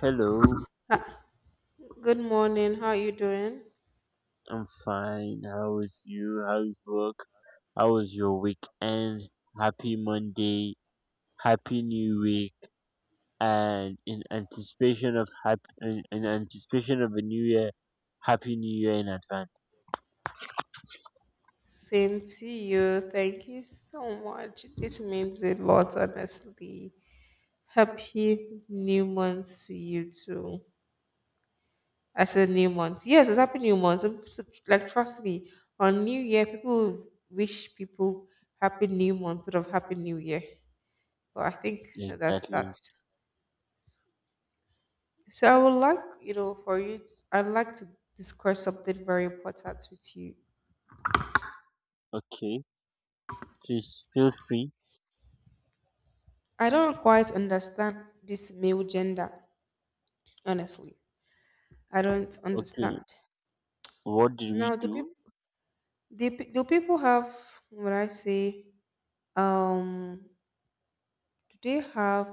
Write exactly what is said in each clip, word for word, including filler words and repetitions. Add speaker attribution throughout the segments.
Speaker 1: Hello,
Speaker 2: Good morning. How are you doing?
Speaker 1: I'm fine. How is you? How's work? How was your weekend? Happy Monday. Happy New Week. And in anticipation of happy, in, in anticipation of a new year, Happy New Year in advance.
Speaker 2: Same to you. Thank you so much. This means a lot, honestly. Happy new month to you too. I said new month. Yes, it's happy new month. I'm so- like trust me, on New Year, people wish people happy new month instead of happy new year. But I think that's
Speaker 1: Exactly.
Speaker 2: that. So I would like, you know, for you, to, I'd like to discuss something very important with you.
Speaker 1: Okay. Please feel free.
Speaker 2: I don't quite understand this male gender. Honestly, I don't
Speaker 1: Okay.
Speaker 2: understand.
Speaker 1: What did we
Speaker 2: Now do people
Speaker 1: do?
Speaker 2: do, pe- do people have, what I say, um do they have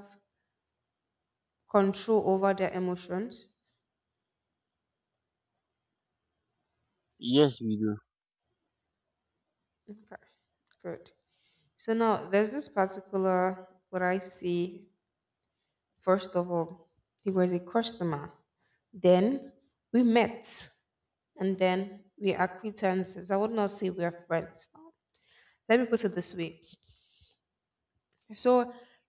Speaker 2: control over their emotions?
Speaker 1: Yes, we do.
Speaker 2: Okay, good. So now there's this particular, what I see, first of all, he was a customer. Then we met and then we are acquaintances. I would not say we are friends. Let me put it this way. So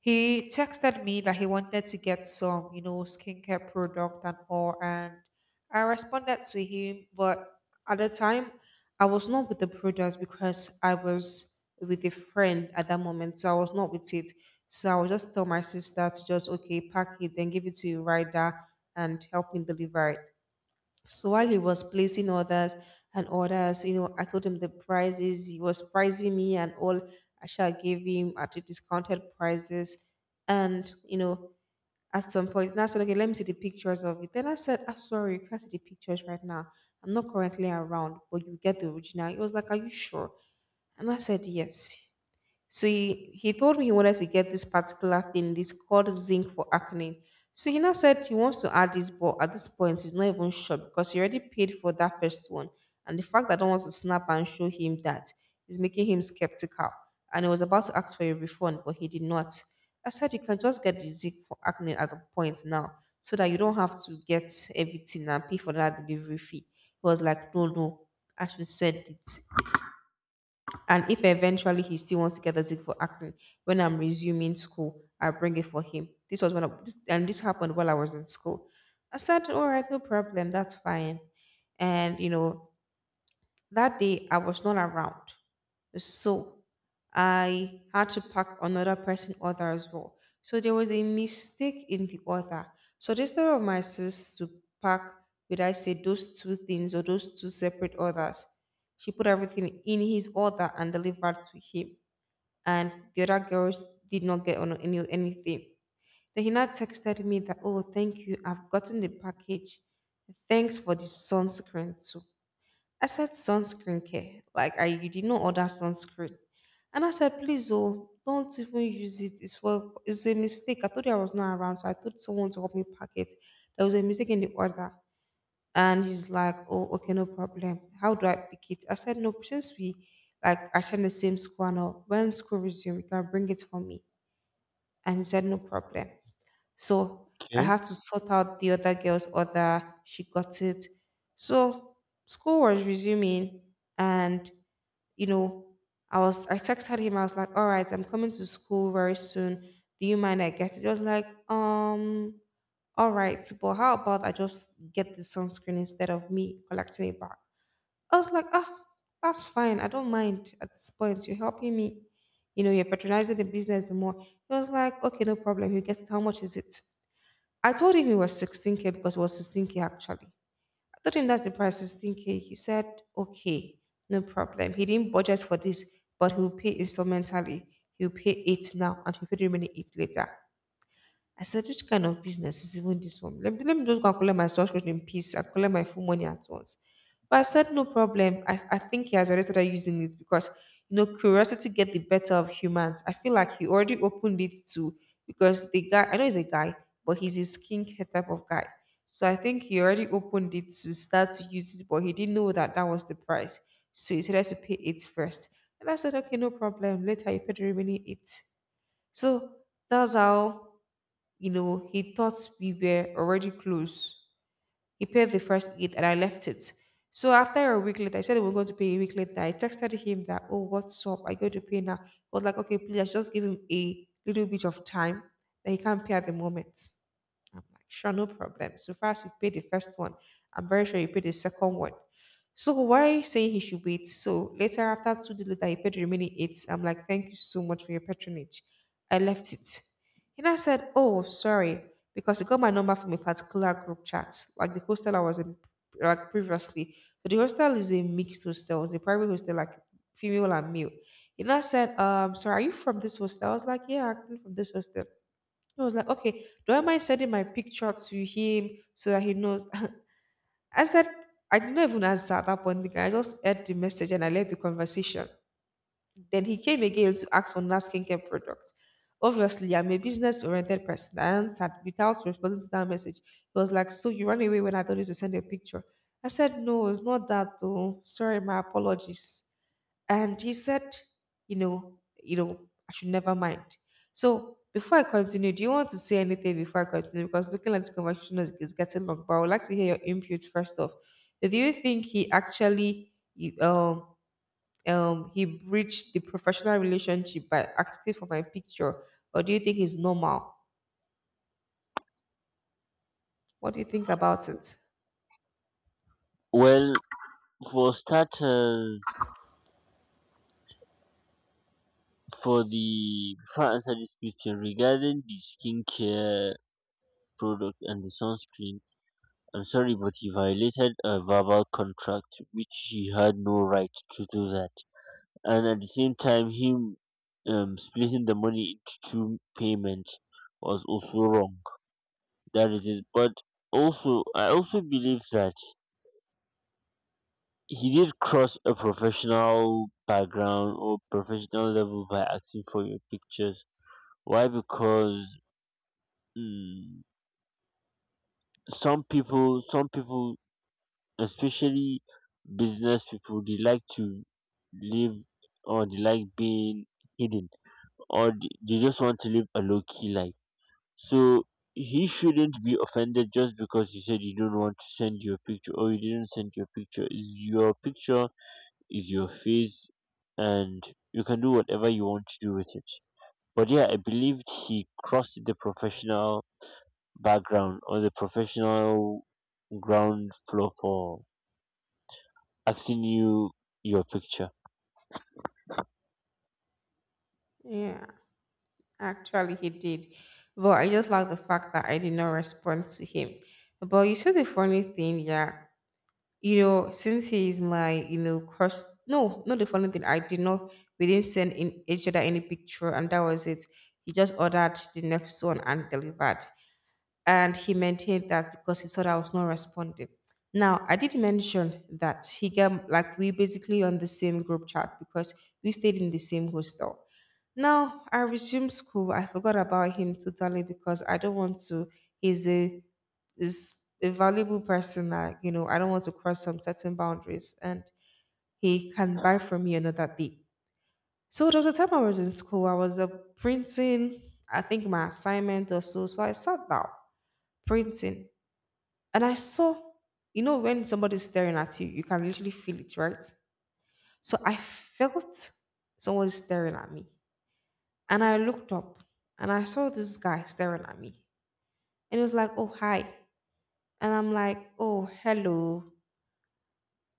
Speaker 2: he texted me that he wanted to get some, you know, skincare product and all, and I responded to him, but at the time I was not with the product because I was with a friend at that moment, so I was not with it. So I would just tell my sister to just, okay, pack it, then give it to a rider and help me deliver it. So while he was placing orders and orders, you know, I told him the prices. He was pricing me and all. I shall gave him at the discounted prices. And, you know, at some point, and I said, okay, let me see the pictures of it. Then I said, I'm sorry, you can't see the pictures right now. I'm not currently around, but you get the original. He was like, are you sure? And I said, yes. So he, he told me he wanted to get this particular thing, this called zinc for acne. So he now said he wants to add this, but at this point he's not even sure because he already paid for that first one. And the fact that I don't want to snap and show him that is making him skeptical. And he was about to ask for a refund, but he did not. I said you can just get the zinc for acne at the point now, so that you don't have to get everything and pay for that delivery fee. He was like, no, no, I should send it. And if eventually he still wants to get the zig for acting, when I'm resuming school, I bring it for him. This was one of, this- and this happened while I was in school. I said, all right, no problem, that's fine. And you know, that day I was not around. So I had to pack another person order as well. So there was a mistake in the order. So instead of my sis to pack, would I say those two things or those two separate orders? She put everything in his order and delivered to him. And the other girls did not get on any anything. Then he now texted me that, oh, thank you, I've gotten the package. Thanks for the sunscreen too. I said sunscreen care. Like I, you did not order sunscreen. And I said, please oh, don't even use it. It's for, it's a mistake. I told you I was not around, so I told someone to help me pack it. There was a mistake in the order. And he's like, oh, okay, no problem. How do I pick it? I said, no, since we like attend the same school now, when school resumes, you can bring it for me. And he said, no problem. So I
Speaker 1: Okay.
Speaker 2: had to sort out the other girl's order. She got it. So school was resuming, and you know, I was I texted him. I was like, "All right, I'm coming to school very soon. Do you mind I get it?" He was like, "Um, all right, but how about I just get the sunscreen instead of me collecting it back?" I was like, "Ah, that's fine. I don't mind at this point. You're helping me. You know, you're patronizing the business the more." He was like, "Okay, no problem. You get it. How much is it?" I told him it was sixteen k because it was sixteen k actually. I told him that's the price, sixteen k. He said, okay, no problem. He didn't budget for this, but he'll pay instrumentally. He'll pay eight now and he'll pay the remaining eight later. I said, which kind of business is even this one? Let me, let me just go and collect my subscription in peace and collect my full money at once. But I said, no problem. I, I think he has already started using it because, you know, curiosity get the better of humans. I feel like he already opened it to, because the guy, I know he's a guy, but he's a skincare type of guy. So I think he already opened it to start to use it, but he didn't know that that was the price. So he decided to pay it first. And I said, okay, no problem. Later, you pay the remaining eight. So that's how, you know, he thought we were already close. He paid the first aid and I left it. So after a week later, I said we were going to pay a week later. I texted him that, oh, what's up? I going to pay now. I was like, okay, please just give him a little bit of time that he can't pay at the moment. I'm like, sure, no problem. So far as you paid the first one, I'm very sure you paid the second one. So why saying he should wait? So later after two days later, he paid the remaining eight. I'm like, thank you so much for your patronage. I left it. He now said, oh, sorry, because he got my number from a particular group chat, like the hostel I was in like previously. So the hostel is a mixed hostel, it's a private hostel, like female and male. He now said, um, sorry, are you from this hostel? I was like, yeah, I'm from this hostel. So I was like, okay, do I mind sending my picture to him so that he knows? I said, I did not even answer at that point. The guy, I just heard the message and I left the conversation. Then he came again to ask for another skincare product. Obviously, I'm a business oriented person. I answered without responding to that message. He was like, so you ran away when I told you to send a picture? I said, no, it's not that though. Sorry, my apologies. And he said, you know, you know, I should never mind. So before I continue, do you want to say anything before I continue? Because looking at this conversation is, is getting long, but I would like to hear your inputs first off. Do you think he actually you- um um he breached the professional relationship by asking for my picture? Or do you think it's normal? What do you think about it?
Speaker 1: Well, for starters, for the before I answer this question regarding the skincare product and the sunscreen, I'm sorry, but he violated a verbal contract, which he had no right to do that. And at the same time, him um, splitting the money into two payments was also wrong. That is it. But also, I also believe that he did cross a professional background or professional level by asking for your pictures. Why? Because mm, some people, some people especially business people they like to live or they like being hidden or they they just want to live a low-key life, so he shouldn't be offended just because you said you don't want to send your picture or you didn't send your picture. Is your picture is your face, and you can do whatever you want to do with it. But yeah, I believed he crossed the professional background or the professional ground floor for asking you your picture.
Speaker 2: Yeah, actually he did. But I just like the fact that I did not respond to him. But you see the funny thing, yeah. you know, since he is my, you know, crush. No, not the funny thing. I did not. We didn't send in each other any picture, and that was it. He just ordered the next one and delivered and he maintained that because he saw that I was not responding. Now, I did mention that he got like we basically on the same group chat because we stayed in the same hostel. Now I resumed school. I forgot about him totally because I don't want to. He's a is a valuable person that you know I don't want to cross some certain boundaries, and he can buy from me another day. So there was a time I was in school. I was uh, printing, I think my assignment or so. So I sat down printing. And I saw, you know, when somebody's staring at you, you can literally feel it, right? So I felt someone staring at me. And I looked up and I saw this guy staring at me. And he was like, oh, hi. And I'm like, oh, hello.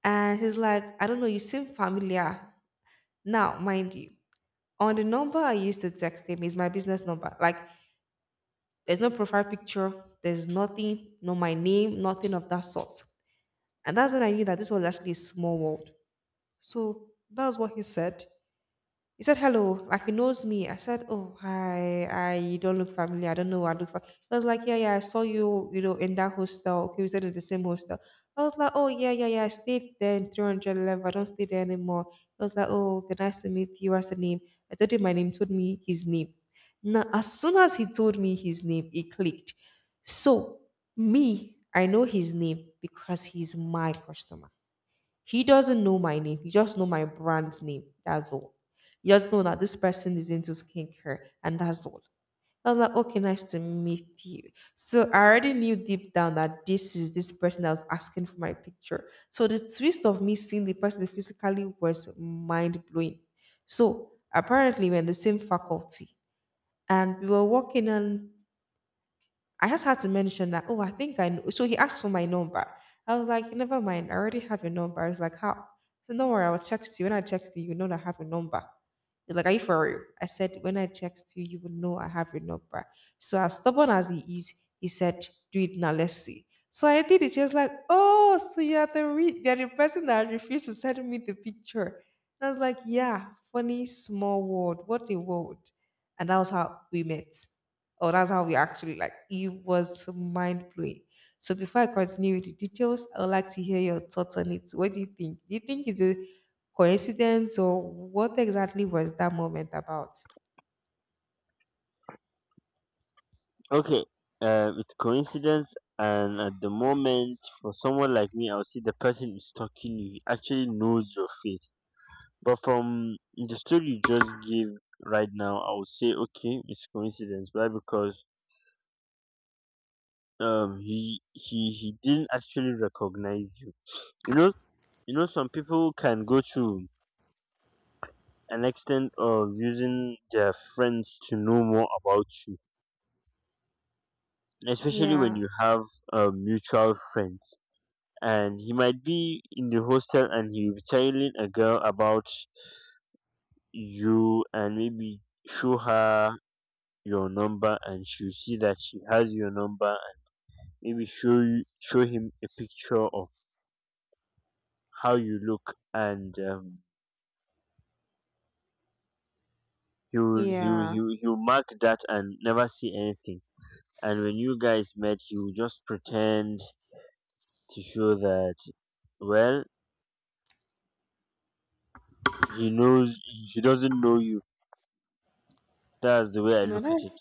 Speaker 2: And he's like, I don't know, you seem familiar. Now, mind you, on the number I used to text him is my business number. Like, there's no profile picture, there's nothing, no my name, nothing of that sort. And that's when I knew that this was actually a small world. So that's what he said. He said hello, like he knows me. I said, oh hi, I you don't look familiar. I don't know. I look. Familiar." I was like, yeah, yeah. I saw you, you know, in that hostel. Okay, we stayed in the same hostel. I was like, oh, yeah, yeah, yeah. I stayed there in three hundred level. I don't stay there anymore. I was like, oh, okay, nice to meet you. What's the name? I told him my name. Told me his name. Now, as soon as he told me his name, it clicked. So me, I know his name because he's my customer. He doesn't know my name. He just know my brand's name. That's all. He just know that this person is into skincare, and that's all. I was like, okay, nice to meet you. So I already knew deep down that this is this person that was asking for my picture. So the twist of me seeing the person physically was mind blowing. So apparently we're in the same faculty and we were walking and I just had to mention that, oh, I think I know. So he asked for my number. I was like, never mind. I already have your number. I was like, how? So don't worry, I'll text you. When I text you, you know that I have your number. He's like, are you for real? I said, when I text you, you will know I have your number. So as stubborn as he is, he said, do it now. Let's see. So I did it. He was like, oh, so you're the, re- you're the person that refused to send me the picture. And I was like, yeah, funny small world. What a world. And that was how we met. Oh, that's how we actually, like, it was mind blowing. So before I continue with the details, I would like to hear your thoughts on it. What do you think? Do you think it's a coincidence or what exactly was that moment about?
Speaker 1: Okay, uh, it's coincidence, and at the moment, for someone like me, I'll see the person is talking. He actually knows your face, but from the story you just gave right now, I would say okay, it's coincidence. Why? Because um, he he he didn't actually recognize you. You know, you know, some people can go to an extent of using their friends to know more about you, especially when
Speaker 2: Yeah,
Speaker 1: you have uh, mutual friends, and he might be in the hostel and he'll be telling a girl about you and maybe show her your number, and she'll see that she has your number and maybe show you, show him a picture of how you look, and um, he will he will,
Speaker 2: yeah.
Speaker 1: he will he will mark that and never see anything. And when you guys met, he will just pretend to show that, well, he knows, he doesn't know you. That's the way I
Speaker 2: No,
Speaker 1: look at
Speaker 2: that.
Speaker 1: it.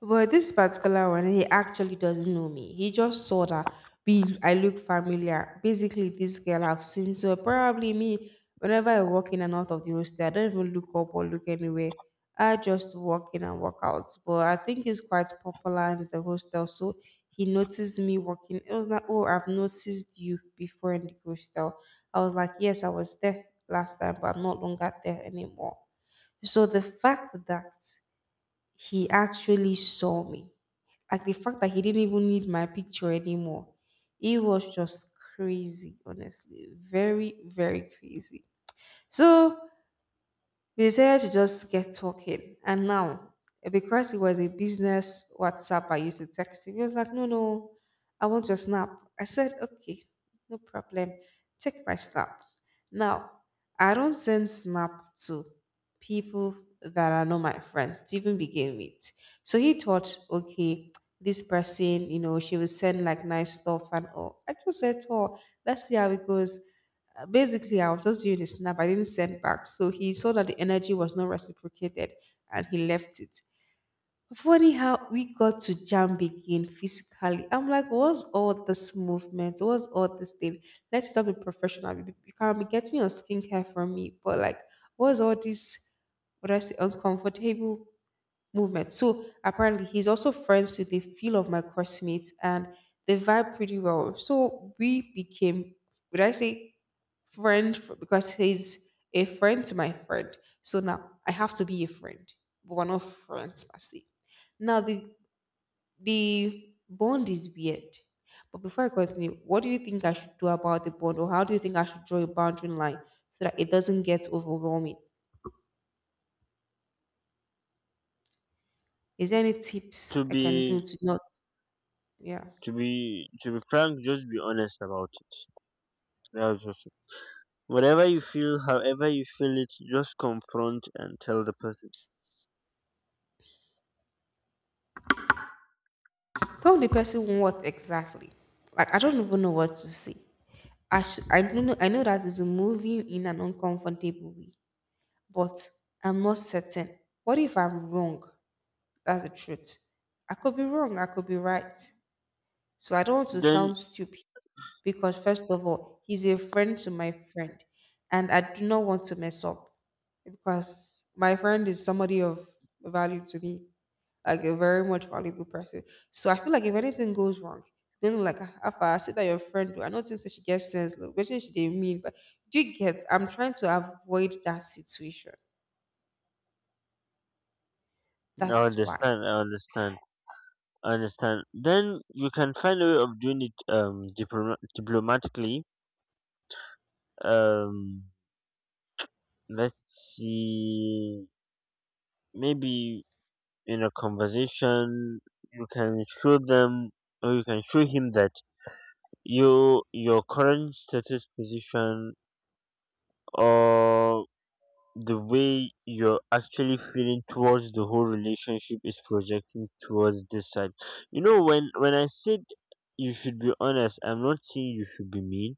Speaker 2: But this particular one, he actually doesn't know me. He just saw that we I look familiar. Basically, this girl I've seen. So probably me, whenever I walk in and out of the hostel, I don't even look up or look anywhere. I just walk in and walk out. But I think he's quite popular in the hostel. So he noticed me walking. It was like, oh, I've noticed you before in the hostel. I was like, yes, I was there last time, but I'm not longer there anymore. So the fact that he actually saw me, like the fact that he didn't even need my picture anymore. It was just crazy, honestly. Very, very crazy. So we decided to just get talking. And now, eh, because it was a business WhatsApp I used to text him, he was like, no, no, I want your snap. I said, okay, no problem. Take my snap. Now, I don't send snap to people that are not my friends to even begin with. So he thought, okay, this person, you know, she will send like nice stuff and all. I just said to her, let's see how it goes. Uh, Basically, I was just viewing the snap. I didn't send back. So he saw that the energy was not reciprocated and he left it. Funny how we got to jam begin physically. I'm like, what's all this movement? What's all this thing? Let's stop being professional. You you can be getting your skincare from me, but like, what's all this? What I say, uncomfortable movement. So apparently, he's also friends with a few of my classmates, and they vibe pretty well. So we became, would I say, friend f- because he's a friend to my friend. So now I have to be a friend, but we're not friends per se. Now the the bond is weird. But before I continue, what do you think I should do about the bond, or how do you think I should draw a boundary line so that it doesn't get overwhelming? Is there any
Speaker 1: to
Speaker 2: tips I can do
Speaker 1: be
Speaker 2: to not? Yeah.
Speaker 1: to be to be frank, just be honest about it. That's just it. Whatever you feel, however you feel it, just confront and tell the person.
Speaker 2: Tell the person what exactly. Like I don't even know what to say. I sh- I don't know. I know that it's moving in an uncomfortable way, but I'm not certain. What if I'm wrong? That's the truth. I could be wrong. I could be right. So I don't want to
Speaker 1: Then
Speaker 2: sound stupid because first of all, he's a friend to my friend, and I do not want to mess up because my friend is somebody of value to me, like a very much valuable person. So I feel like if anything goes wrong, then like after I said that your friend do, I don't think that she gets sense, look, but she didn't mean. But do you get? I'm trying to avoid that situation.
Speaker 1: i
Speaker 2: That's why.
Speaker 1: understand i understand I understand. Then you can find a way of doing it, um diploma- diplomatically. um let's see, maybe in a conversation, you can show them, or you can show him that you, your current status position, or the way you're actually feeling towards the whole relationship is projecting towards this side. You know, when when I said you should be honest, I'm not saying you should be mean,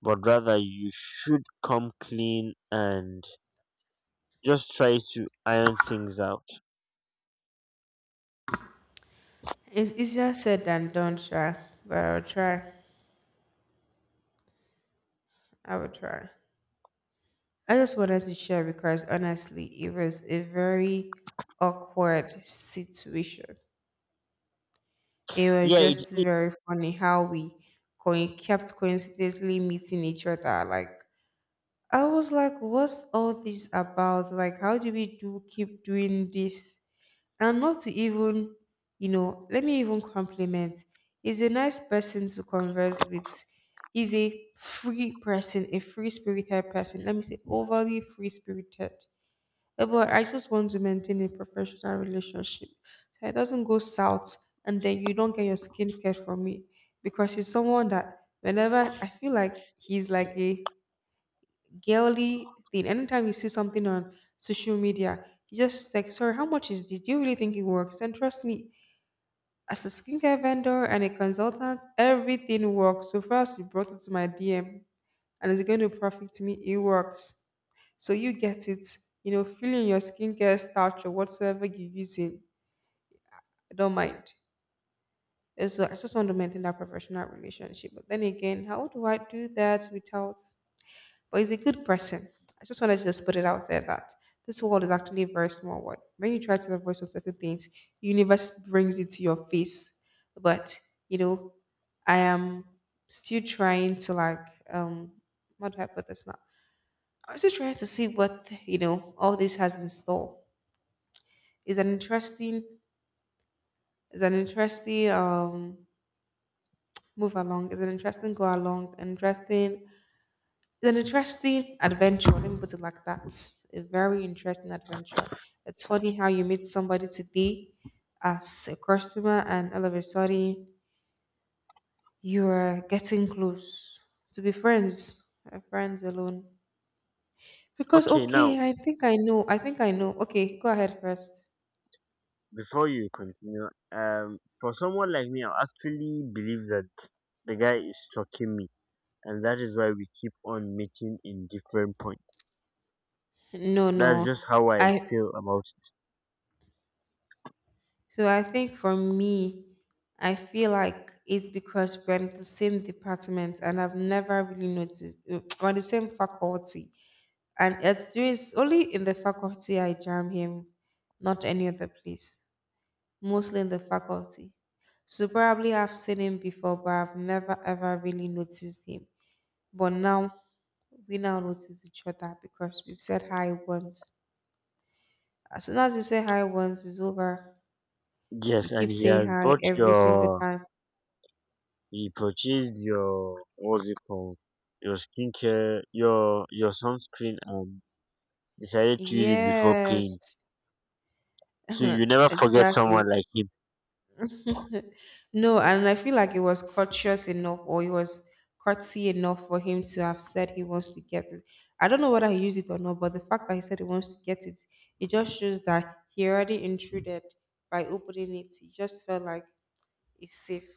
Speaker 1: but rather you should come clean and just try to iron things out.
Speaker 2: It's easier said than done, try. But I'll try. I will try. I just wanted to share because honestly, it was a very awkward situation. It was
Speaker 1: Yeah, it.
Speaker 2: just very funny how we coin- kept coincidentally meeting each other. Like I was like, what's all this about? Like, how do we do keep doing this? And not to even, you know, let me even compliment. He's a nice person to converse with. He's a free person, a free spirited person. Let me say, overly free spirited. Eh, But I just want to maintain a professional relationship so it doesn't go south and then you don't get your skincare from me because he's someone that whenever I feel like he's like a girly thing. Anytime you see something on social media, you just like, sorry, how much is this? Do you really think it works? And trust me, as a skincare vendor and a consultant, everything works. So first you brought it to my D M and it's going to profit me, it works. So you get it, you know, feeling your skincare starch or whatsoever you're using. I don't mind. And so I just want to maintain that professional relationship. But then again, how do I do that without, but he's a good person. I just wanted to just put it out there that this world is actually a very small world. When you try to avoid certain things, the universe brings it to your face. But you know, I am still trying to, like, um how do I put this now? I'm still trying to see what, you know, all this has in store. It's an interesting, it's an interesting um move along. It's an interesting go along, interesting. It's an interesting adventure, let me put it like that. A very interesting adventure. It's funny how you meet somebody today as a customer, and all of a sudden you are getting close to be friends, uh, friends alone. Because,
Speaker 1: Okay, now
Speaker 2: okay, I think I know, I think I know. Okay, go ahead first.
Speaker 1: before you continue, um for someone like me, I actually believe that the guy is stalking me, and that is why we keep on meeting in different points.
Speaker 2: No, no.
Speaker 1: That's just how I
Speaker 2: I,
Speaker 1: feel about.
Speaker 2: so I think for me, I feel like it's because we're in the same department and I've never really noticed we're in the same faculty. And it's, do- it's only in the faculty I jam him, not any other place. Mostly in the faculty. So probably I've seen him before, but I've never ever really noticed him. But now we now notice each other because we've said hi once. As soon as you say hi once, it's over. You
Speaker 1: Yes, and
Speaker 2: keep
Speaker 1: he
Speaker 2: saying
Speaker 1: has
Speaker 2: hi
Speaker 1: bought
Speaker 2: every single
Speaker 1: your,
Speaker 2: time.
Speaker 1: he purchased your, what's it called? Your skincare, your your sunscreen, and decided to use it before paying.
Speaker 2: Yes,
Speaker 1: So you never forget someone
Speaker 2: exactly.
Speaker 1: like him.
Speaker 2: No, and I feel like it was courteous enough or it was courtesy enough for him to have said he wants to get it. I don't know whether he used it or not, but the fact that he said he wants to get it, it just shows that he already intruded by opening it. He just felt like it's safe.